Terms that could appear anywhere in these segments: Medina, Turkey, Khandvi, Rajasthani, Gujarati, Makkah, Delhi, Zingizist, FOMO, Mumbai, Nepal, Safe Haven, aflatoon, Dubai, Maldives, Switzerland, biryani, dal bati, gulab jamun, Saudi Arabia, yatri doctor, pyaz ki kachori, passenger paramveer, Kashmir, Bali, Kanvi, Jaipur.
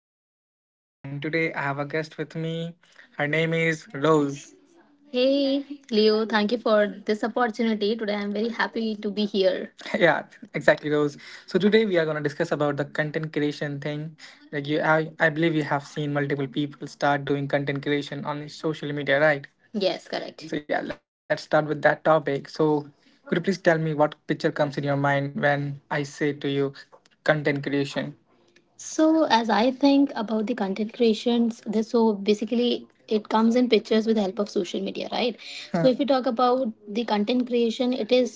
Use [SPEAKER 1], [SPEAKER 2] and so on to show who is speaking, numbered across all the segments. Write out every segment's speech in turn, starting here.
[SPEAKER 1] your host, and today I have a guest with me. Her name is Rose. Hey, Leo, thank you for this opportunity. Today I'm very happy to be here. Yeah, exactly, Rose. So today we are going to discuss about the content creation thing. Like you, I believe you have seen multiple people start doing content creation on social media, right? Yes, correct. So yeah, let's start with that topic. So could you please tell me what picture comes in your mind when I say to you content creation? So, as I think about the content creations, this so basically it comes in pictures with the help of social media, right? So, if you talk about the content creation, it is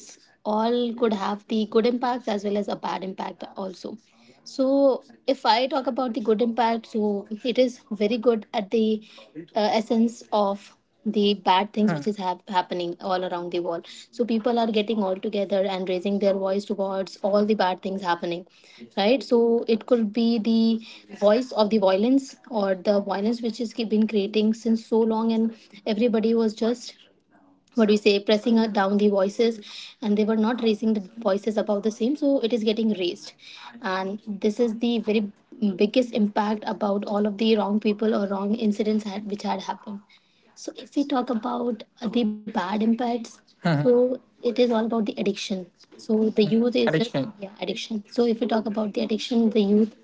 [SPEAKER 1] all could have the good impacts as well as a bad impact also. So, if I talk about the good impact, so it is very good at the essence of the bad things which is happening all around the world. So, people are getting all together and raising their voice towards all the bad things happening, right? So, it could be the voice of the violence or the violence which is been creating since so long, and everybody was just what do you say pressing down the voices, and they were not raising the voices about the same, so it is getting raised. And this is the very biggest impact about all of the wrong people or wrong incidents had, which had happened. So if we talk about the bad impacts. Mhm. So it is all about the addiction. So the youth is. Addiction. Yeah, addiction. So if we talk about the addiction, the youth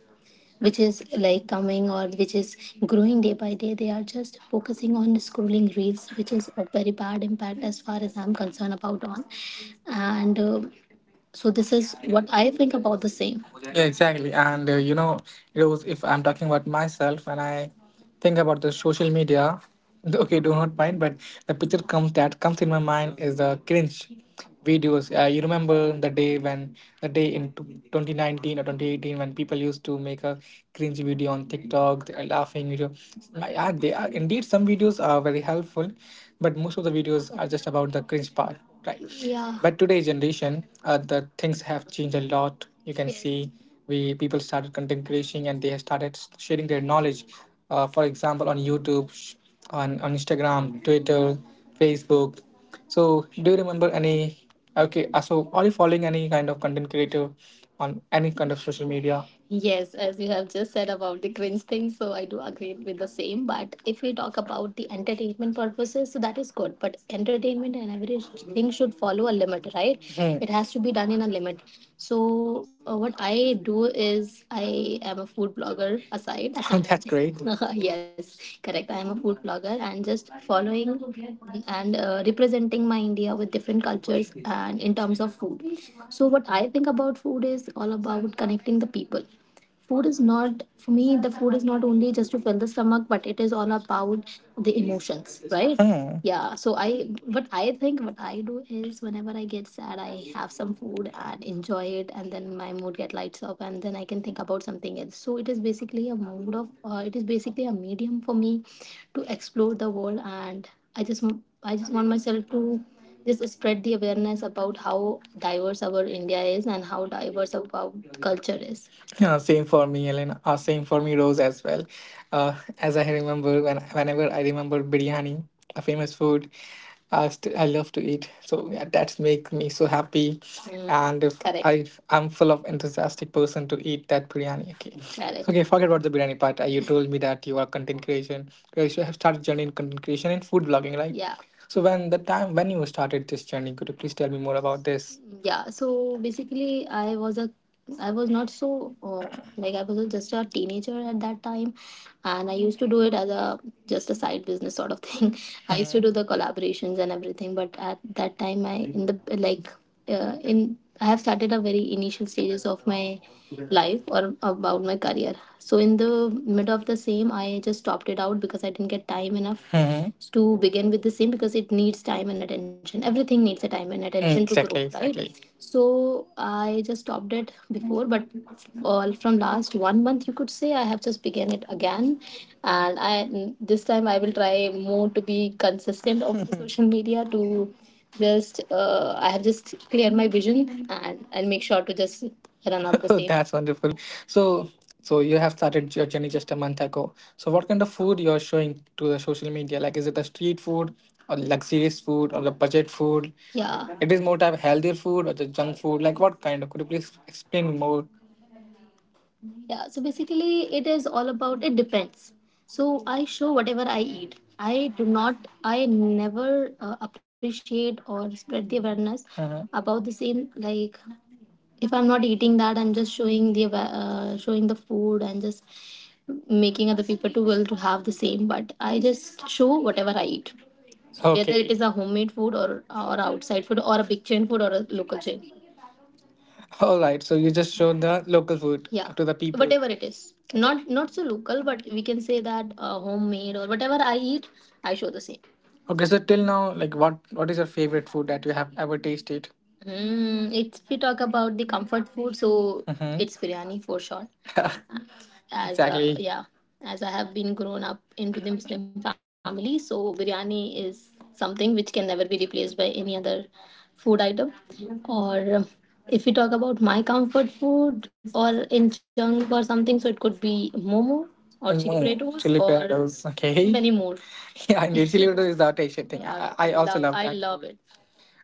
[SPEAKER 1] which is like coming or which is growing day by day, they are just focusing on scrolling reels, which is a very bad impact as far as I'm concerned about on and so this is what I think about the same. Yeah, exactly. And you know, it was if I'm talking about myself, and I think about the social media. Okay, do not mind, but the picture comes that comes in my mind is the cringe videos. You remember the day when the day in t- 2019 or 2018 when people used to make a cringy video on TikTok, the laughing video. Yeah, they are indeed, some videos are very helpful, but most of the videos are just about the cringe part, right? Yeah. But today generation, the things have changed a lot. You can, yes, see we people started content creation, and they have started sharing their knowledge. For example, on YouTube, on Instagram, Twitter, Facebook. So do you remember any? Okay, so are you following any kind of content creator on any kind of social media? Yes, as you have just said about the cringe thing, so I do agree with the same. But if we talk about the entertainment purposes, so that is good. But entertainment and everything should follow a limit, right? Hmm. It has to be done in a limit. So what I do is I am a food blogger aside. Oh, that's great. Yes, correct. I am a food blogger and just following and representing my India with different cultures and in terms of food. So what I think about food is all about connecting the people. Food is not, for me, the food is not only just to fill the stomach, but it is all about the emotions, right? Hmm. Yeah. So I, what I think, what I do is whenever I get sad, I have some food and enjoy it, and then my mood get lights up, and then I can think about something else. So it is basically a mode of, it is basically a medium for me to explore the world. And I just, I just want myself to just spread the awareness about how diverse our India is and how diverse our culture is. Yeah, same for me, Ellen. Same for me, Rose, as well. As I remember, when whenever I remember biryani, a famous food, I love to eat. So yeah, that's make me so happy. Mm, and if correct. I'm full of enthusiastic person to eat that biryani. Okay, correct. Okay. Forget about the biryani part. You told me that you are content creation. You have started journey in content creation and food blogging, right? Yeah. So when the time when you started this journey, could you please tell me more about this? Yeah. So basically, I was a I was not so uh, like I was just a teenager at that time, and I used to do it as a just a side business sort of thing. I used to, Hmm, do the collaborations and everything, but at that time I, in the, like, in I have started a very initial stages of my life or about my career. So in the mid of the same, I just stopped it out because I didn't get time enough. Mhm. To begin with the same, because it needs time and attention. Everything needs a time and attention to grow, exactly, right? Exactly. So I just stopped it before, but all from last one month, you could say I have just began it again, and I this time I will try more to be consistent of the social media to just I have just cleared my vision, and I'll make sure to just run out the same. That's wonderful. So, so you have started your journey just a month ago. So what kind of food you're showing to the social media? Like, is it a street food or luxurious food or the budget food? Yeah. It is more type healthier food or the junk food. Like what kind of? Could you please explain more? Yeah. So basically, it is all about, it depends. So I show whatever I eat. I do not, I never appreciate or spread the awareness about the same. Like if I'm not eating that, I'm just showing the showing the food and just making other people to will to have the same. But I just show whatever I eat. So whether, okay, it is a homemade food or outside food or a big chain food or a local chain. All right, so you just showed the local food, yeah, to the people. Whatever, it is not, not so local, but we can say that homemade or whatever I eat, I show the same. Okay, so till now, like, what is your favorite food that you have ever tasted? Mm, it's, if we talk about the comfort food, so, hmm, it's biryani for sure. As exactly, yeah, as I have been grown up into the Muslim family, so biryani is something which can never be replaced by any other food item. Or, if we talk about my comfort food or in junk or something, so it could be momo or chili. Momo, potatoes, chili or potatoes. Okay. Many more. Yeah, and chili potatoes is the taste thing. Yeah, I also love, love, I that love it.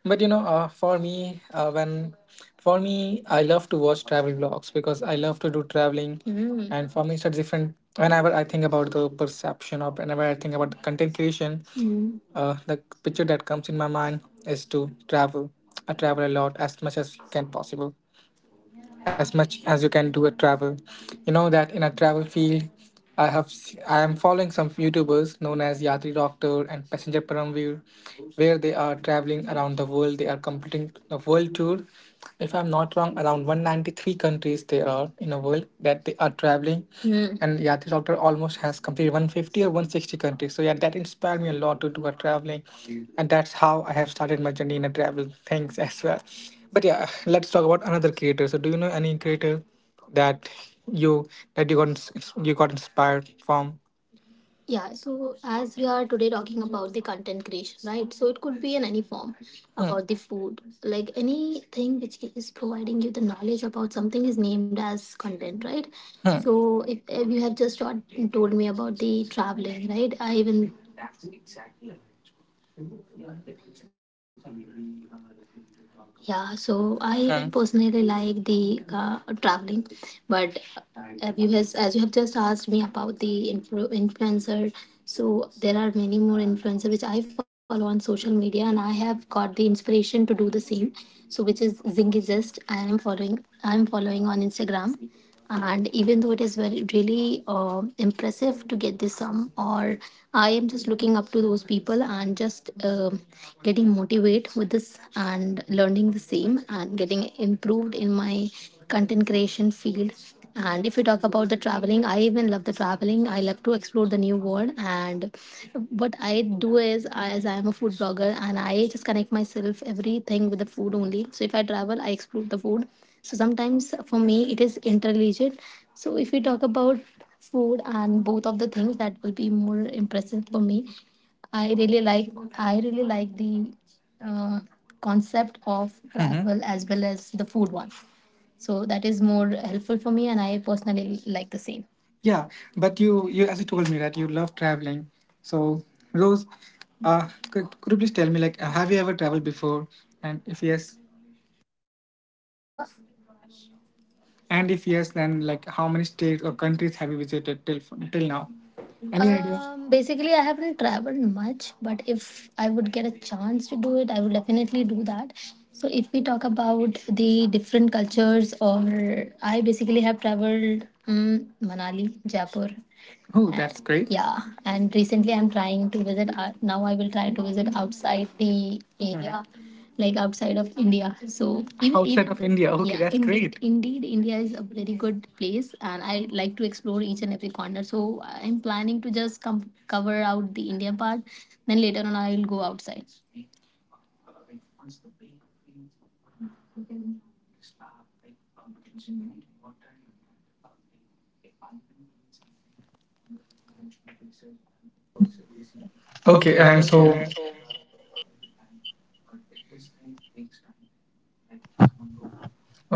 [SPEAKER 1] But you know, for me, I love to watch travel vlogs because I love to do traveling. Mm. And for me, it's a different. Whenever I think about the perception or whenever I think about the content creation, Mm, the picture that comes in my mind is to travel. I travel a lot as much as can possible, as much as you can do a travel. You know that in a travel field, I am following some YouTubers known as Yatri Doctor and Passenger Paramveer, where they are traveling around the world. They are completing a world tour, if I'm not wrong, around 193 countries they are in a world that they are traveling. Hmm. And Yatri Doctor almost has completed 150 or 160 countries. So yeah, that inspired me a lot to do a traveling, and that's how I have started my journey in a travel things as well. But yeah, let's talk about another creator. So do you know any creator that you, that you got you got inspired from? Yeah, so as we are today talking about the content creation, right? So it could be in any form, Hmm, about the food, like anything which is providing you the knowledge about something is named as content, right? Hmm. So if you have just told me about the traveling, right? I even, yeah, so I, Hmm, personally like the traveling, but have you has as you have just asked me about the influencer, so there are many more influencer which I follow on social media, and I have got the inspiration to do the same. So which is Zingizist, I am following. I am following on Instagram, and even though it is very really impressive to get this sum or I am just looking up to those people and just getting motivated with this and learning the same and getting improved in my content creation field. And if you talk about the traveling, I even love the traveling. I love to explore the new world. And what I do is, as I am a food blogger, and I just connect myself everything with the food only. So if I travel, I explore the food. So sometimes for me it is interrelated. So if we talk about food and both of the things, that will be more impressive for me. I really like I really like the uh, concept of Mhm. travel as well as the food one. So that is more helpful for me, and I personally like the same. Yeah, but you as you told me that you love traveling. So Rose, could you please tell me like have you ever traveled before? And if yes, Yeah, and if yes, then like how many states or countries have you visited till now? Any idea? Basically, I haven't traveled much, but if I would get a chance to do it, I would definitely do that. So, if we talk about the different cultures, or I basically have traveled Manali, Jaipur, Oh, that's And great. yeah, and recently I'm trying to visit now I will try to visit outside the area, like outside of India. So even, outside even of India. Okay, yeah, that's indeed great. Indeed, India is a very good place and I like to explore each and every corner, so I'm planning to just come cover out the India part, then later on I will go outside. Okay,
[SPEAKER 2] Okay,
[SPEAKER 1] and
[SPEAKER 2] and
[SPEAKER 1] so
[SPEAKER 2] so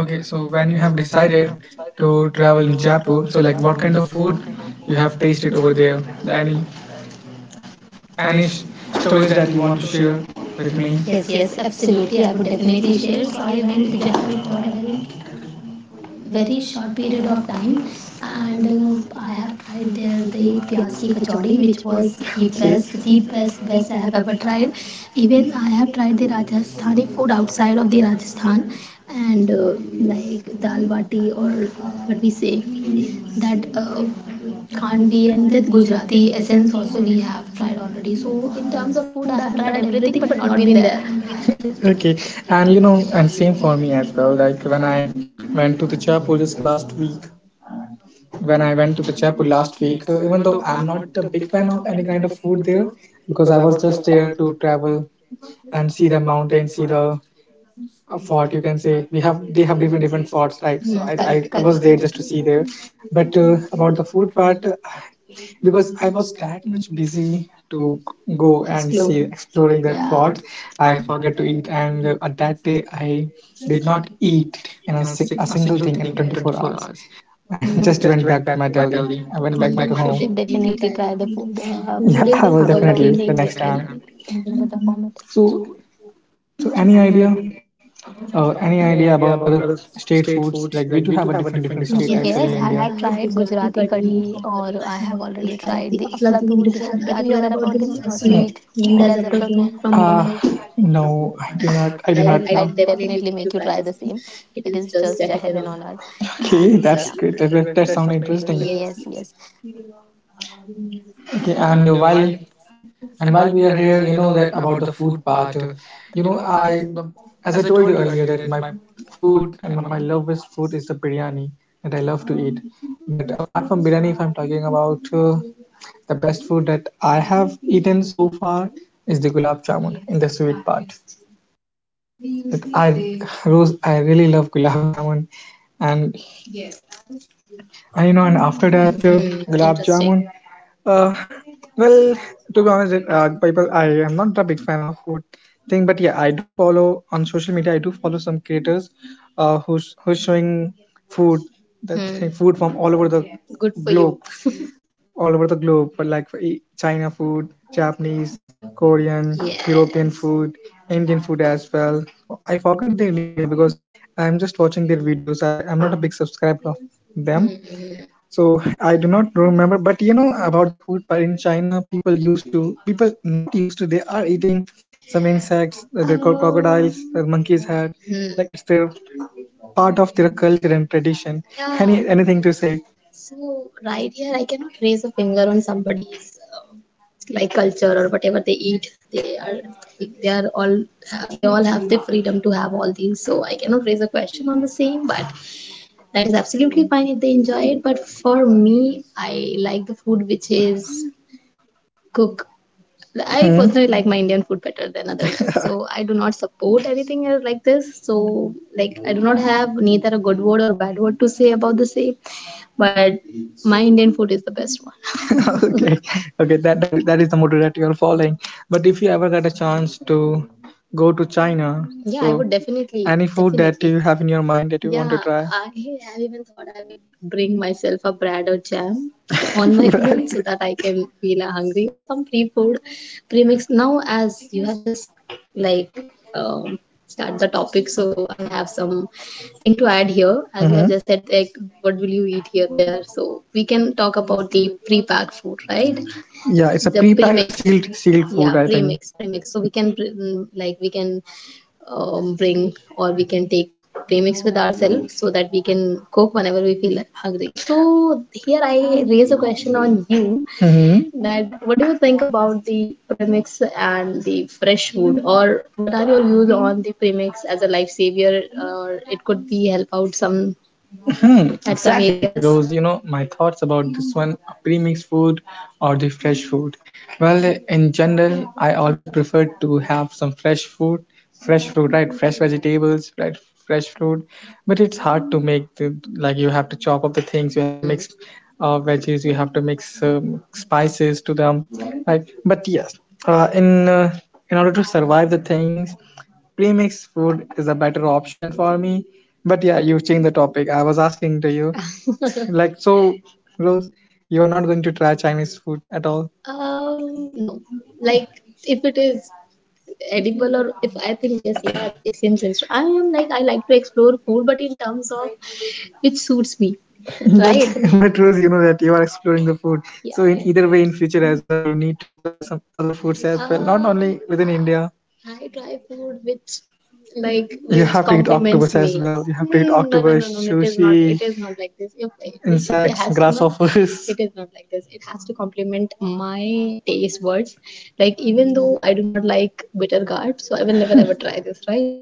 [SPEAKER 1] okay,
[SPEAKER 2] okay,
[SPEAKER 1] so
[SPEAKER 2] so
[SPEAKER 1] when
[SPEAKER 2] when
[SPEAKER 1] you
[SPEAKER 2] you
[SPEAKER 1] have
[SPEAKER 2] have
[SPEAKER 1] decided
[SPEAKER 2] decided
[SPEAKER 1] to
[SPEAKER 2] to
[SPEAKER 1] travel
[SPEAKER 2] travel
[SPEAKER 1] in
[SPEAKER 2] in
[SPEAKER 1] Jaipur,
[SPEAKER 2] Jaipur,
[SPEAKER 1] so
[SPEAKER 2] so
[SPEAKER 1] like
[SPEAKER 2] like
[SPEAKER 1] what
[SPEAKER 2] what
[SPEAKER 1] kind
[SPEAKER 2] kind
[SPEAKER 1] of
[SPEAKER 2] of food
[SPEAKER 1] food you
[SPEAKER 2] you
[SPEAKER 1] have
[SPEAKER 2] have
[SPEAKER 1] tasted
[SPEAKER 2] tasted
[SPEAKER 1] over
[SPEAKER 2] over there?
[SPEAKER 1] there?
[SPEAKER 2] Any
[SPEAKER 1] Any any
[SPEAKER 2] any
[SPEAKER 1] sh-
[SPEAKER 2] sh-
[SPEAKER 1] stories
[SPEAKER 2] stories
[SPEAKER 1] that
[SPEAKER 2] that
[SPEAKER 1] you
[SPEAKER 2] you
[SPEAKER 1] want
[SPEAKER 2] want
[SPEAKER 1] to
[SPEAKER 2] to share
[SPEAKER 1] share with
[SPEAKER 2] with me?
[SPEAKER 1] me? Yes,
[SPEAKER 2] Yes,
[SPEAKER 1] yes,
[SPEAKER 2] yes,
[SPEAKER 1] absolutely.
[SPEAKER 2] absolutely.
[SPEAKER 1] I
[SPEAKER 2] I
[SPEAKER 1] would
[SPEAKER 2] would
[SPEAKER 1] definitely
[SPEAKER 2] definitely
[SPEAKER 1] share.
[SPEAKER 2] share.
[SPEAKER 1] So
[SPEAKER 2] So
[SPEAKER 1] I
[SPEAKER 2] I
[SPEAKER 1] went
[SPEAKER 2] went
[SPEAKER 1] to
[SPEAKER 2] to
[SPEAKER 1] Jaipur
[SPEAKER 2] Jaipur
[SPEAKER 1] for
[SPEAKER 2] for
[SPEAKER 1] a
[SPEAKER 2] a very
[SPEAKER 1] very
[SPEAKER 2] very
[SPEAKER 1] short
[SPEAKER 2] short
[SPEAKER 1] period
[SPEAKER 2] period
[SPEAKER 1] of
[SPEAKER 2] of
[SPEAKER 1] time
[SPEAKER 2] time
[SPEAKER 1] and
[SPEAKER 2] and
[SPEAKER 1] I
[SPEAKER 2] I
[SPEAKER 1] have
[SPEAKER 2] have
[SPEAKER 1] tried
[SPEAKER 2] tried
[SPEAKER 1] there
[SPEAKER 2] there
[SPEAKER 1] the
[SPEAKER 2] the
[SPEAKER 1] pyaz
[SPEAKER 2] pyaz
[SPEAKER 1] ki
[SPEAKER 2] ki
[SPEAKER 1] kachori,
[SPEAKER 2] kachori
[SPEAKER 1] which
[SPEAKER 2] which
[SPEAKER 1] was
[SPEAKER 2] was the best
[SPEAKER 1] the
[SPEAKER 2] the
[SPEAKER 1] best
[SPEAKER 2] best best
[SPEAKER 1] best
[SPEAKER 2] I
[SPEAKER 1] I
[SPEAKER 2] have
[SPEAKER 1] have
[SPEAKER 2] ever
[SPEAKER 1] ever
[SPEAKER 2] tried.
[SPEAKER 1] tried.
[SPEAKER 2] Even
[SPEAKER 1] Even
[SPEAKER 2] I
[SPEAKER 1] I have
[SPEAKER 2] have tried
[SPEAKER 1] tried
[SPEAKER 2] the
[SPEAKER 1] the
[SPEAKER 2] Rajasthani
[SPEAKER 1] Rajasthani
[SPEAKER 2] food
[SPEAKER 1] food
[SPEAKER 2] outside
[SPEAKER 1] outside
[SPEAKER 2] of
[SPEAKER 1] of
[SPEAKER 2] the
[SPEAKER 1] the
[SPEAKER 2] Rajasthan
[SPEAKER 1] Rajasthan,
[SPEAKER 2] and
[SPEAKER 1] and
[SPEAKER 2] like
[SPEAKER 1] like
[SPEAKER 2] dal
[SPEAKER 1] dal bati,
[SPEAKER 2] bati or
[SPEAKER 1] or what
[SPEAKER 2] what we
[SPEAKER 1] we say,
[SPEAKER 2] say that
[SPEAKER 1] that
[SPEAKER 2] Khandvi
[SPEAKER 1] Kanvi and
[SPEAKER 2] and that
[SPEAKER 1] that Gujarati
[SPEAKER 2] Gujarati
[SPEAKER 1] essence
[SPEAKER 2] essence also
[SPEAKER 1] also
[SPEAKER 2] we
[SPEAKER 1] we
[SPEAKER 2] have
[SPEAKER 1] have tried
[SPEAKER 2] tried
[SPEAKER 1] already.
[SPEAKER 2] already, so
[SPEAKER 1] So
[SPEAKER 2] in
[SPEAKER 1] in terms
[SPEAKER 2] terms
[SPEAKER 1] of
[SPEAKER 2] of
[SPEAKER 1] food,
[SPEAKER 2] food
[SPEAKER 1] I
[SPEAKER 2] I
[SPEAKER 1] have
[SPEAKER 2] have
[SPEAKER 1] tried
[SPEAKER 2] tried everything
[SPEAKER 1] everything but
[SPEAKER 2] but
[SPEAKER 1] not
[SPEAKER 2] not
[SPEAKER 1] been
[SPEAKER 2] been
[SPEAKER 1] there.
[SPEAKER 2] there.
[SPEAKER 1] Okay,
[SPEAKER 2] Okay, and
[SPEAKER 1] and you
[SPEAKER 2] you
[SPEAKER 1] know,
[SPEAKER 2] know,
[SPEAKER 1] and
[SPEAKER 2] and same
[SPEAKER 1] same
[SPEAKER 2] for
[SPEAKER 1] for me
[SPEAKER 2] me as
[SPEAKER 1] as well.
[SPEAKER 2] well. Like
[SPEAKER 1] Like when
[SPEAKER 2] when I
[SPEAKER 1] I went
[SPEAKER 2] went to
[SPEAKER 1] to
[SPEAKER 2] the
[SPEAKER 1] the chapel
[SPEAKER 2] chapel just
[SPEAKER 1] just
[SPEAKER 2] last
[SPEAKER 1] last
[SPEAKER 2] week,
[SPEAKER 1] week,
[SPEAKER 2] When
[SPEAKER 1] when I
[SPEAKER 2] I
[SPEAKER 1] went
[SPEAKER 2] went
[SPEAKER 1] to
[SPEAKER 2] to the
[SPEAKER 1] the chapel
[SPEAKER 2] chapel
[SPEAKER 1] last
[SPEAKER 2] last week,
[SPEAKER 1] week, even
[SPEAKER 2] even though
[SPEAKER 1] though I'm
[SPEAKER 2] I'm
[SPEAKER 1] not
[SPEAKER 2] not
[SPEAKER 1] a
[SPEAKER 2] a big
[SPEAKER 1] big fan
[SPEAKER 2] fan of
[SPEAKER 1] of any
[SPEAKER 2] any
[SPEAKER 1] kind
[SPEAKER 2] kind
[SPEAKER 1] of
[SPEAKER 2] of
[SPEAKER 1] food
[SPEAKER 2] food there,
[SPEAKER 1] there, because
[SPEAKER 2] because
[SPEAKER 1] I
[SPEAKER 2] I
[SPEAKER 1] was
[SPEAKER 2] was
[SPEAKER 1] just
[SPEAKER 2] just there
[SPEAKER 1] there to
[SPEAKER 2] to
[SPEAKER 1] travel
[SPEAKER 2] travel and
[SPEAKER 1] and
[SPEAKER 2] see
[SPEAKER 1] see
[SPEAKER 2] the
[SPEAKER 1] the mountain,
[SPEAKER 2] mountain, see
[SPEAKER 1] see the
[SPEAKER 2] the fort.
[SPEAKER 1] fort.
[SPEAKER 2] You
[SPEAKER 1] You can
[SPEAKER 2] can
[SPEAKER 1] say
[SPEAKER 2] say we
[SPEAKER 1] we have
[SPEAKER 2] have they
[SPEAKER 1] they
[SPEAKER 2] have
[SPEAKER 1] have
[SPEAKER 2] different
[SPEAKER 1] different different
[SPEAKER 2] different forts,
[SPEAKER 1] forts, right?
[SPEAKER 2] right? So
[SPEAKER 1] Mm,
[SPEAKER 2] I
[SPEAKER 1] I
[SPEAKER 2] I,
[SPEAKER 1] correct,
[SPEAKER 2] I
[SPEAKER 1] correct.
[SPEAKER 2] was
[SPEAKER 1] Was
[SPEAKER 2] there
[SPEAKER 1] there
[SPEAKER 2] just
[SPEAKER 1] just to
[SPEAKER 2] to see
[SPEAKER 1] see
[SPEAKER 2] there.
[SPEAKER 1] there.
[SPEAKER 2] But
[SPEAKER 1] But
[SPEAKER 2] about
[SPEAKER 1] about
[SPEAKER 2] the
[SPEAKER 1] the
[SPEAKER 2] food
[SPEAKER 1] food
[SPEAKER 2] part,
[SPEAKER 1] part, because
[SPEAKER 2] because
[SPEAKER 1] I
[SPEAKER 2] I
[SPEAKER 1] was
[SPEAKER 2] was
[SPEAKER 1] that
[SPEAKER 2] that
[SPEAKER 1] much
[SPEAKER 2] much
[SPEAKER 1] busy
[SPEAKER 2] busy
[SPEAKER 1] to
[SPEAKER 2] to
[SPEAKER 1] go
[SPEAKER 2] go
[SPEAKER 1] and
[SPEAKER 2] and see
[SPEAKER 1] Explore. See
[SPEAKER 2] Explore. Exploring
[SPEAKER 1] exploring that.
[SPEAKER 2] that.
[SPEAKER 1] Yeah.
[SPEAKER 2] Yeah.
[SPEAKER 1] Spot,
[SPEAKER 2] Plot, I
[SPEAKER 1] I
[SPEAKER 2] forgot
[SPEAKER 1] forgot to
[SPEAKER 2] to eat,
[SPEAKER 1] eat, and
[SPEAKER 2] and
[SPEAKER 1] on
[SPEAKER 2] at that
[SPEAKER 1] that
[SPEAKER 2] day
[SPEAKER 1] day
[SPEAKER 2] I
[SPEAKER 1] I did
[SPEAKER 2] did
[SPEAKER 1] not
[SPEAKER 2] not eat
[SPEAKER 1] eat a,
[SPEAKER 2] a
[SPEAKER 1] a single
[SPEAKER 2] single thing
[SPEAKER 1] thing in
[SPEAKER 2] in 24
[SPEAKER 1] 24 hours.
[SPEAKER 2] hours.
[SPEAKER 1] I
[SPEAKER 2] I
[SPEAKER 1] Mm.
[SPEAKER 2] just
[SPEAKER 1] just
[SPEAKER 2] Mm.
[SPEAKER 1] went
[SPEAKER 2] went back
[SPEAKER 1] back
[SPEAKER 2] to
[SPEAKER 1] to
[SPEAKER 2] my
[SPEAKER 1] my
[SPEAKER 2] Delhi.
[SPEAKER 1] Delhi. I
[SPEAKER 2] I
[SPEAKER 1] went
[SPEAKER 2] went back
[SPEAKER 1] back my.
[SPEAKER 2] my
[SPEAKER 1] You
[SPEAKER 2] to
[SPEAKER 1] should
[SPEAKER 2] home. Definitely
[SPEAKER 1] definitely
[SPEAKER 2] try
[SPEAKER 1] try the
[SPEAKER 2] the food.
[SPEAKER 1] food. Yeah, food
[SPEAKER 2] Yeah, food
[SPEAKER 1] is I
[SPEAKER 2] I is
[SPEAKER 1] will the
[SPEAKER 2] will the
[SPEAKER 1] definitely
[SPEAKER 2] definitely the
[SPEAKER 1] thing the
[SPEAKER 2] which
[SPEAKER 1] which
[SPEAKER 2] I
[SPEAKER 1] next
[SPEAKER 2] next
[SPEAKER 1] can
[SPEAKER 2] time.
[SPEAKER 1] time. In a
[SPEAKER 2] Really.
[SPEAKER 1] format.
[SPEAKER 2] So,
[SPEAKER 1] So,
[SPEAKER 2] so
[SPEAKER 1] so any
[SPEAKER 2] any idea?
[SPEAKER 1] idea? Any
[SPEAKER 2] Any
[SPEAKER 1] idea
[SPEAKER 2] idea about
[SPEAKER 1] about other
[SPEAKER 2] other
[SPEAKER 1] state
[SPEAKER 2] state
[SPEAKER 1] foods?
[SPEAKER 2] foods?
[SPEAKER 1] Like
[SPEAKER 2] Like
[SPEAKER 1] we
[SPEAKER 2] we do
[SPEAKER 1] do
[SPEAKER 2] have
[SPEAKER 1] have a
[SPEAKER 2] a different
[SPEAKER 1] different
[SPEAKER 2] different
[SPEAKER 1] different
[SPEAKER 2] state
[SPEAKER 1] state.
[SPEAKER 2] as. Yes,
[SPEAKER 1] Yes,
[SPEAKER 2] well
[SPEAKER 1] well.
[SPEAKER 2] in I
[SPEAKER 1] I
[SPEAKER 2] have
[SPEAKER 1] have
[SPEAKER 2] India.
[SPEAKER 1] tried
[SPEAKER 2] Tried
[SPEAKER 1] Gujarati
[SPEAKER 2] Gujarati curry
[SPEAKER 1] curry,
[SPEAKER 2] or
[SPEAKER 1] or I
[SPEAKER 2] I
[SPEAKER 1] have
[SPEAKER 2] have
[SPEAKER 1] already
[SPEAKER 2] already tried
[SPEAKER 1] tried the
[SPEAKER 2] the aflatoon.
[SPEAKER 1] aflatoon.
[SPEAKER 2] Do you have-
[SPEAKER 1] Are
[SPEAKER 2] Are
[SPEAKER 1] you
[SPEAKER 2] you aware
[SPEAKER 1] aware about
[SPEAKER 2] about
[SPEAKER 1] the
[SPEAKER 2] this No. Sweet
[SPEAKER 1] sweet named
[SPEAKER 2] named
[SPEAKER 1] as
[SPEAKER 2] as aflatoon
[SPEAKER 1] aflatoon
[SPEAKER 2] from.
[SPEAKER 1] from Mumbai?
[SPEAKER 2] Mumbai? No,
[SPEAKER 1] No,
[SPEAKER 2] I
[SPEAKER 1] I'm
[SPEAKER 2] do not.
[SPEAKER 1] not.
[SPEAKER 2] I
[SPEAKER 1] I
[SPEAKER 2] do I will, not I
[SPEAKER 1] I'll
[SPEAKER 2] will know. Definitely
[SPEAKER 1] definitely make
[SPEAKER 2] make
[SPEAKER 1] you
[SPEAKER 2] you try
[SPEAKER 1] try the
[SPEAKER 2] the
[SPEAKER 1] same.
[SPEAKER 2] same.
[SPEAKER 1] It
[SPEAKER 2] It
[SPEAKER 1] is
[SPEAKER 2] is
[SPEAKER 1] just
[SPEAKER 2] just
[SPEAKER 1] a
[SPEAKER 2] a
[SPEAKER 1] heaven
[SPEAKER 2] hidden
[SPEAKER 1] on
[SPEAKER 2] honor.
[SPEAKER 1] earth.
[SPEAKER 2] Okay,
[SPEAKER 1] Okay, and yeah,
[SPEAKER 2] that's
[SPEAKER 1] that's great.
[SPEAKER 2] great. That that, that
[SPEAKER 1] That sounds
[SPEAKER 2] sounds
[SPEAKER 1] interesting.
[SPEAKER 2] interesting. Yes,
[SPEAKER 1] Yes, yes.
[SPEAKER 2] yes. Okay,
[SPEAKER 1] Okay, and
[SPEAKER 2] and while
[SPEAKER 1] while and while
[SPEAKER 2] we
[SPEAKER 1] we are
[SPEAKER 2] are here,
[SPEAKER 1] here, you
[SPEAKER 2] you know
[SPEAKER 1] know
[SPEAKER 2] that
[SPEAKER 1] that about
[SPEAKER 2] about
[SPEAKER 1] the
[SPEAKER 2] the food
[SPEAKER 1] food part.
[SPEAKER 2] part.
[SPEAKER 1] You
[SPEAKER 2] You know,
[SPEAKER 1] know,
[SPEAKER 2] I
[SPEAKER 1] I as
[SPEAKER 2] as I
[SPEAKER 1] I told
[SPEAKER 2] told
[SPEAKER 1] you
[SPEAKER 2] you
[SPEAKER 1] earlier
[SPEAKER 2] earlier that
[SPEAKER 1] that
[SPEAKER 2] my
[SPEAKER 1] my
[SPEAKER 2] food
[SPEAKER 1] food and
[SPEAKER 2] and my,
[SPEAKER 1] my
[SPEAKER 2] my love is food is the biryani that I love to eat. But apart from biryani, if I'm talking about the best food that I have eaten so far is the gulab jamun in the sweet part. That I Rose, I really love gulab jamun, and you know, and after that, Hmm, gulab interesting. Jamun. Uh, well, to be honest, people, I am not a big fan of food thing, but yeah, I do follow on social media. I do follow some creators, who's showing food, that Hmm. Thing, food from all over the. Good for globe, you. All over the globe, but like for China food, Japanese, Korean, European. Yes. Food, Indian food as well. I forgot their name, yeah, because I'm just watching their videos. I'm not a big subscriber of them, so I do not remember, but you know about the food. But in China, people used to people not used to. They are eating some insects. They're called crocodiles. The monkeys had Hmm. Like it's their part of their culture and tradition. Any Yeah. Anything to say? So right here, I cannot raise a finger on somebody's uh, like culture or whatever they eat. They are all have, they all have the freedom to have all these. So I cannot raise a question on the same, but that is absolutely fine if they enjoy it, but for me I like the food which is cooked. I Hmm. Personally like my Indian food better than others. So I do not support anything else like this. So like I do not have neither a good word or a bad word to say about the same. But my Indian food is the best one. Okay, okay that, that is the motto that you're following, but if you ever get a chance to go to China. Yeah, I so would definitely, any food that definitely. You have in your mind that you want to Yeah, try I have even thought I will bring myself a bread or jam on my way so that I can feel hungry or some free food premix. Now as you have just like um, start the topic, so I have some thing to add here as you have Mm-hmm. Just said like what will you eat here there, so we can talk about the pre-packed food, right? Yeah, it's a the pre-packed premix sealed sealed food, yeah I think. Premix premix so we can like we can bring or we can take premix with ourselves so that we can cook whenever we feel hungry. So here I raise a question on you Mm-hmm. That what do you think about the premix and the fresh food, or what are your views on the premix as a life savior, or it could be help out some Hmm, at some exactly. Areas. Those, you know, my thoughts about this one pre-mixed food or the fresh food. Well, in general, I always prefer to have some fresh food, fresh fruit, right? Fresh vegetables, right? Fresh fruit. But it's hard to make the, like you have to chop up the things, you have to Hmm. Mix veggies, you have to mix spices to them, right? But yes, uh, in uh, in order to survive the things, premix food is a better option for me. But yeah, you changed the topic. I was asking to you, like, so, Rose, you are not going to try Chinese food at all? No. Like, if it is edible or if I think yes, yeah, it seems interesting. I am like, I like to explore food, but in terms of which suits me, but right? But Rose, you know that you are exploring the food. Yeah. So in either way, in future as well, you need to try some other foods as well, not only within India. I try food which like You which have to eat compliments octopus as me. Well. You have to eat Mm, no, no, no, octopus, no, no, it is not. Sushi, It sushi, is not like this. If it- it insects, has to not. Grasshoppers. It is not like this. It has to complement my taste buds. Like even though I do not like bitter gourd, so I will never ever try this, right?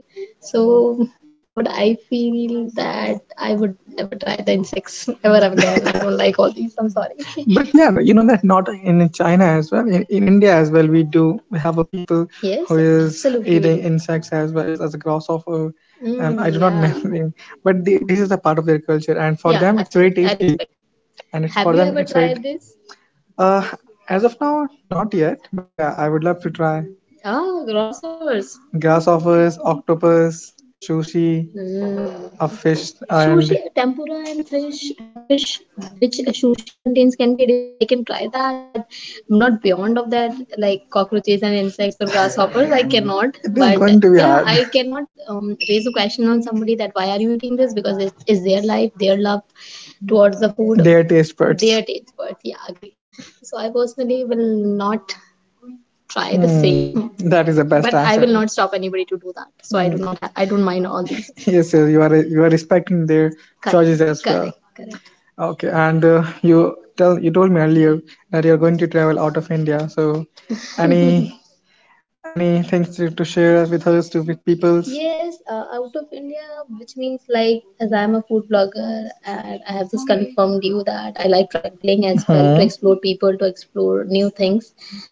[SPEAKER 2] So, what I feel that I would never try the insects ever again. I don't like all these. I'm sorry. But yeah, but you know that not in China as well. In India as well, we have a people who Yes, is eating do. Insects as well as a grasshopper. And I Mm, do not know yeah, remember, name, but the, this is a part of their culture, and for yeah, them it's very absolutely. I tasty. Respect. And it's Have for you them ever it's very tried this? Uh, as of now, not yet, but yeah, I would love to try. Ah, grasshoppers. Grasshoppers, octopus, sushi, of fish and Sushi, tempura, and fish. The fish which sushi contains can be edible. I can try that, but not beyond of that, like cockroaches and insects or grasshoppers. I cannot. It is But going to be yeah, hard. I cannot raise a question on somebody that why are you eating this, because it is their life, their love towards the food, Their taste buds. Their taste buds. Yeah, agreed. So I personally will not try the mm, same. That is the best But answer. I will not stop anybody to do that. So mm. I do not. I don't mind all these. Yes, yes, you are respecting their correct, choices as correct, well. Correct. Okay, and you told me earlier that you are going to travel out of India. So, any any things to share with us, to with peoples? Yes, out of India, which means like as I'm a food blogger and I have just confirmed you that I like traveling as well to Hmm. Explore people, to explore new things.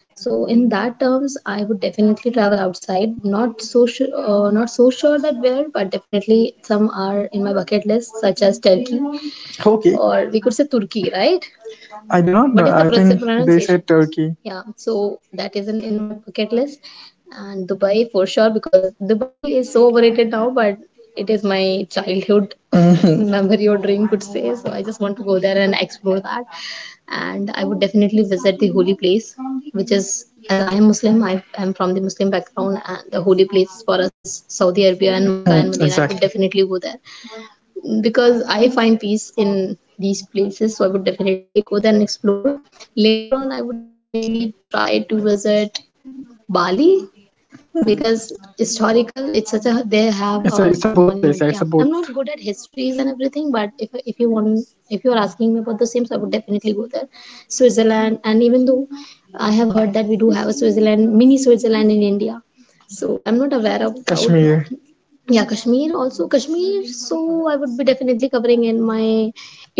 [SPEAKER 2] So in that terms, I would definitely travel outside. Not so sure that where, but definitely some are in my bucket list, such as Turkey. Okay. Or we could say Turkey, right? I do not What know. What is the I pros- think they pronunciation? Said Turkey. Yeah, so that isn't in my bucket list and Dubai for sure because Dubai is so overrated now, but it is my childhood memory or dream, could say. So I just want to go there and explore that. And I would definitely visit the holy place, which is as I am Muslim, I am from the Muslim background, and the holy place for us is Saudi Arabia and Makkah, Mm, and Medina. I would, exactly, definitely go there because I find peace in these places. So I would definitely go there and explore. Later on, I would definitely try to visit Bali because historical it's such a they have. It's a good both place. Monument, yeah. It's, yeah, a both. I'm not good at histories and everything, but if you want, if you're asking me about the same, so I would definitely go there. Switzerland. And even though I have heard that we do have a Switzerland, mini Switzerland in India, so I'm not aware about Kashmir. Yeah, Kashmir, also Kashmir, so I would be definitely covering in my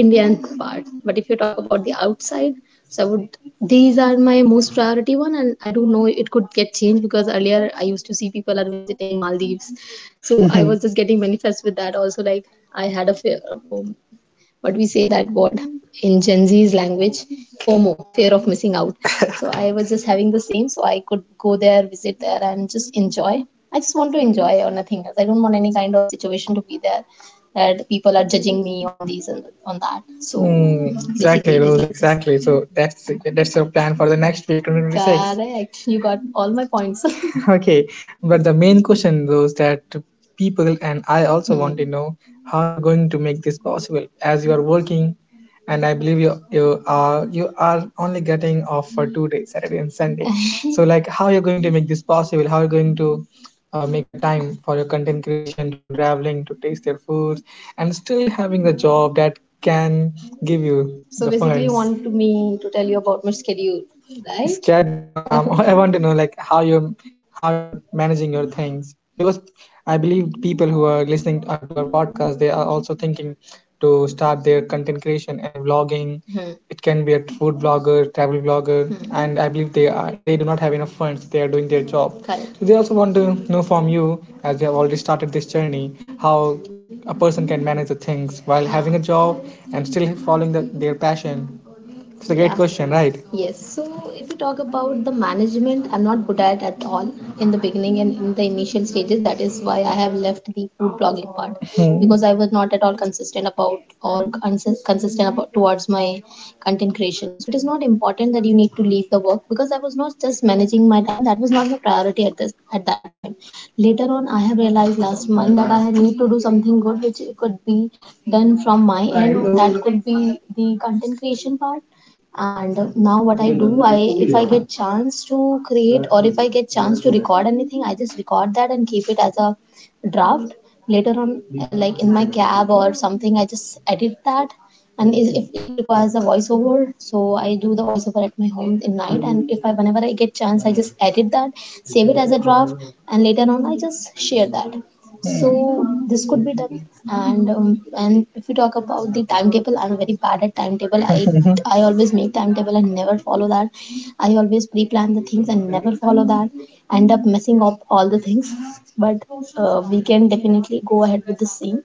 [SPEAKER 2] Indian part. But if you talk about the outside, so I would, these are my most priority one, and I don't know, it could get changed because earlier I used to see people are visiting Maldives, so I was just getting manifest with that also. Like I had a fear of, what we say that word in Gen Z's language, FOMO, fear of missing out. So I was just having the same, so I could go there, visit there, and just enjoy. I just want to enjoy or nothing else. I don't want any kind of situation to be there that people are judging me on these and on that. So, Mm, exactly, it is Rose, like. Exactly. So that's your plan for the next week, 2026, correct. You got all my points. Okay, but the main question was that people, and I also want to know how you're going to make this possible, as you are working, and I believe you are only getting off for 2 days, Saturday and Sunday. So, like, how you're going to make this possible? How you're going to make a time for your content creation, to do traveling, to taste their foods, and still having the job that can give you. So the, basically, you, funds, want to, me to tell you about my schedule, right? Schedule? No. I want to know, like, how you're, managing your things, because I believe people who are listening to our podcast, they are also thinking to start their content creation and vlogging. Mhm. It can be a food blogger, travel blogger. Mhm. And I believe they do not have enough funds. They are doing their job. Correct. So they also want to know from you, as you have already started this journey, how a person can manage the things while having a job and still following their passion. It's a great, yeah, question, right? Yes, so if we talk about the management, I'm not good at all in the beginning and in the initial stages. That is why I have left the food blogging part. Hmm. Because I was not at all consistent about towards my content creation. So it is not important that you need to leave the work because I was not just managing my time. That was not my priority at that time. Later on, I have realized last month that I had need to do something good, which could be done from my end. That could be the content creation part. And now, what I do, I if I get chance to create, or if I get chance to record anything, I just record that and keep it as a draft. Later on, like in my cab or something, I just edit that. And if it requires a voiceover, so I do the voiceover at my home in night, and if I whenever I get chance, I just edit that, save it as a draft, and later on I just share that. So this could be done. And if you talk about the timetable, I'm very bad at timetable. I I always make timetable and never follow that. I always pre-plan the things and never follow that. End up messing up all the things. But we can definitely go ahead with the same.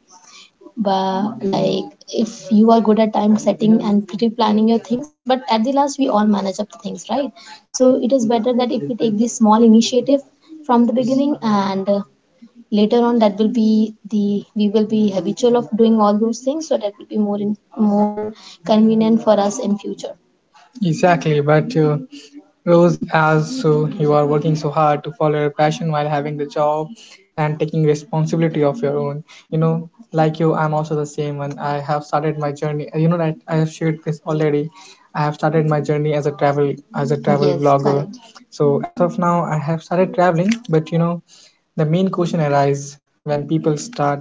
[SPEAKER 2] But, like, if you are good at time setting and pre-planning your things, but at the last we all manage up the things, right. So it is better that if we take this small initiative from the beginning, and later on, that will be the we will be habitual of doing all those things, so that will be more more convenient for us in future. Exactly. But Rose, as so you are working so hard to follow your passion while having the job and taking responsibility of your own. You know, like you, I'm also the same one. I have started my journey. You know that I have shared this already. I have started my journey as a travel, yes, vlogger, correct. So as of now, I have started traveling, but you know, the main question arises when people start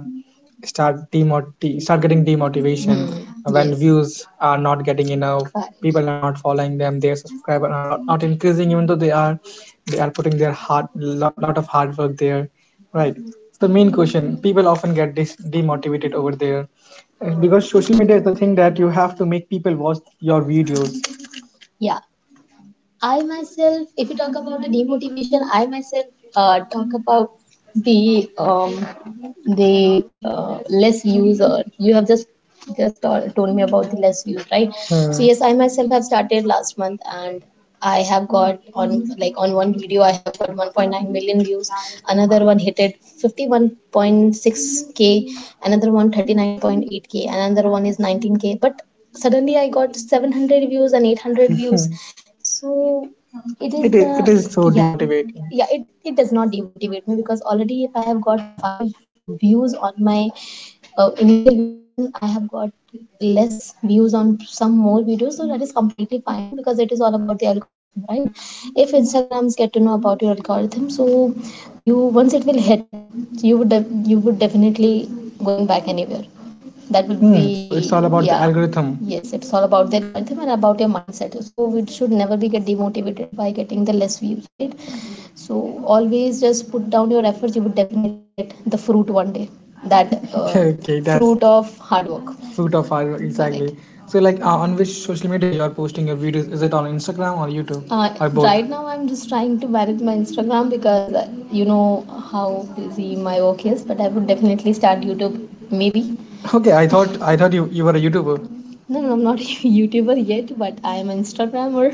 [SPEAKER 2] start demoti- start getting demotivation, Mm, when, yes, views are not getting enough, correct, people are not following them, their subscribers are not increasing, even though they are putting their hard lot of hard work there, right. So the main question, people often get demotivated over there. Because social media is the thing that you have to make people watch your videos. Yeah, I myself, if you talk about the demotivation, I myself talk about the um, the less views. Or you have just told me about the less views, right? So, yes, I myself have started last month, and I have got, on like on one video I have got 1.9 million views. Another one hit it 51.6k. Another one 39.8k. Another one is 19k. But suddenly I got 700 views and 800 views. So it is. It is, it the is, so, yeah, demotivating. Yeah, it does not demotivate me because already if I have got five views on my initial videos, and I have got less views on some more videos, so that is completely fine because it is all about the algorithm, right. If Instagrams get to know about your algorithm, so you, once it will hit, you would definitely going back anywhere, that would. Hmm, so it's all, be, about the, yeah, algorithm. Yes, it's all about the algorithm and about your mindset, so we should never be get demotivated by getting the less views, right. So always just put down your efforts, you would definitely get the fruit one day. That okay, that's fruit of hard work, fruit of our, correct? Exactly. So, like, on which social media you are posting your videos? Is it on Instagram or YouTube? Or both? Right now, I'm just trying to manage my Instagram because you know how busy my work is, but I would definitely start YouTube, maybe. Okay, I thought you were a YouTuber. No, no, I'm not a YouTuber yet, but I'm an Instagrammer.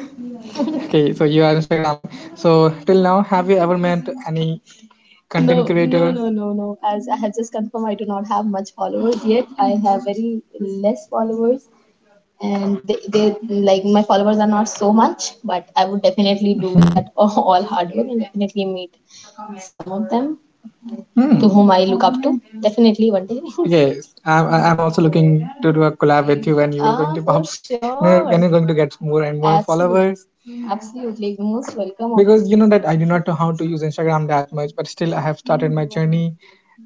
[SPEAKER 2] Okay, so you are Instagrammer. So till now, have you ever met any content, no, no, creator? No, no, no. As I have just confirmed, I do not have much followers yet. I have very less followers, and they like my followers are not so much. But I would definitely do that all hard work and definitely meet some of them, to Hmm. to whom I look up to. Definitely one day. Yes, I'm also looking to do a collab with you, when you are, going, to, for pop. When, sure, you're going to get more and more, absolutely, followers, absolutely. You're most welcome on, because you know that I do not know how to use Instagram that much, but still I have started my journey,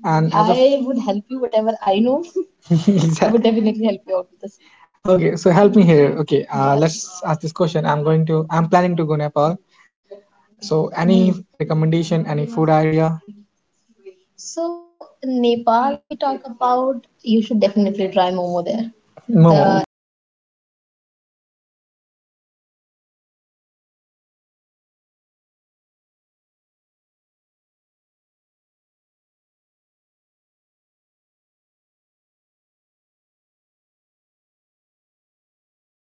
[SPEAKER 2] and as of I would help you whatever I know. I would, exactly, definitely help you out with this. Okay, so help me here. Okay, yeah, sure, let's ask this question. I'm planning to go Nepal. So, any, Hmm, recommendation, any food idea? So, Nepal, if we talk about, you should definitely try Momo there. Momo. The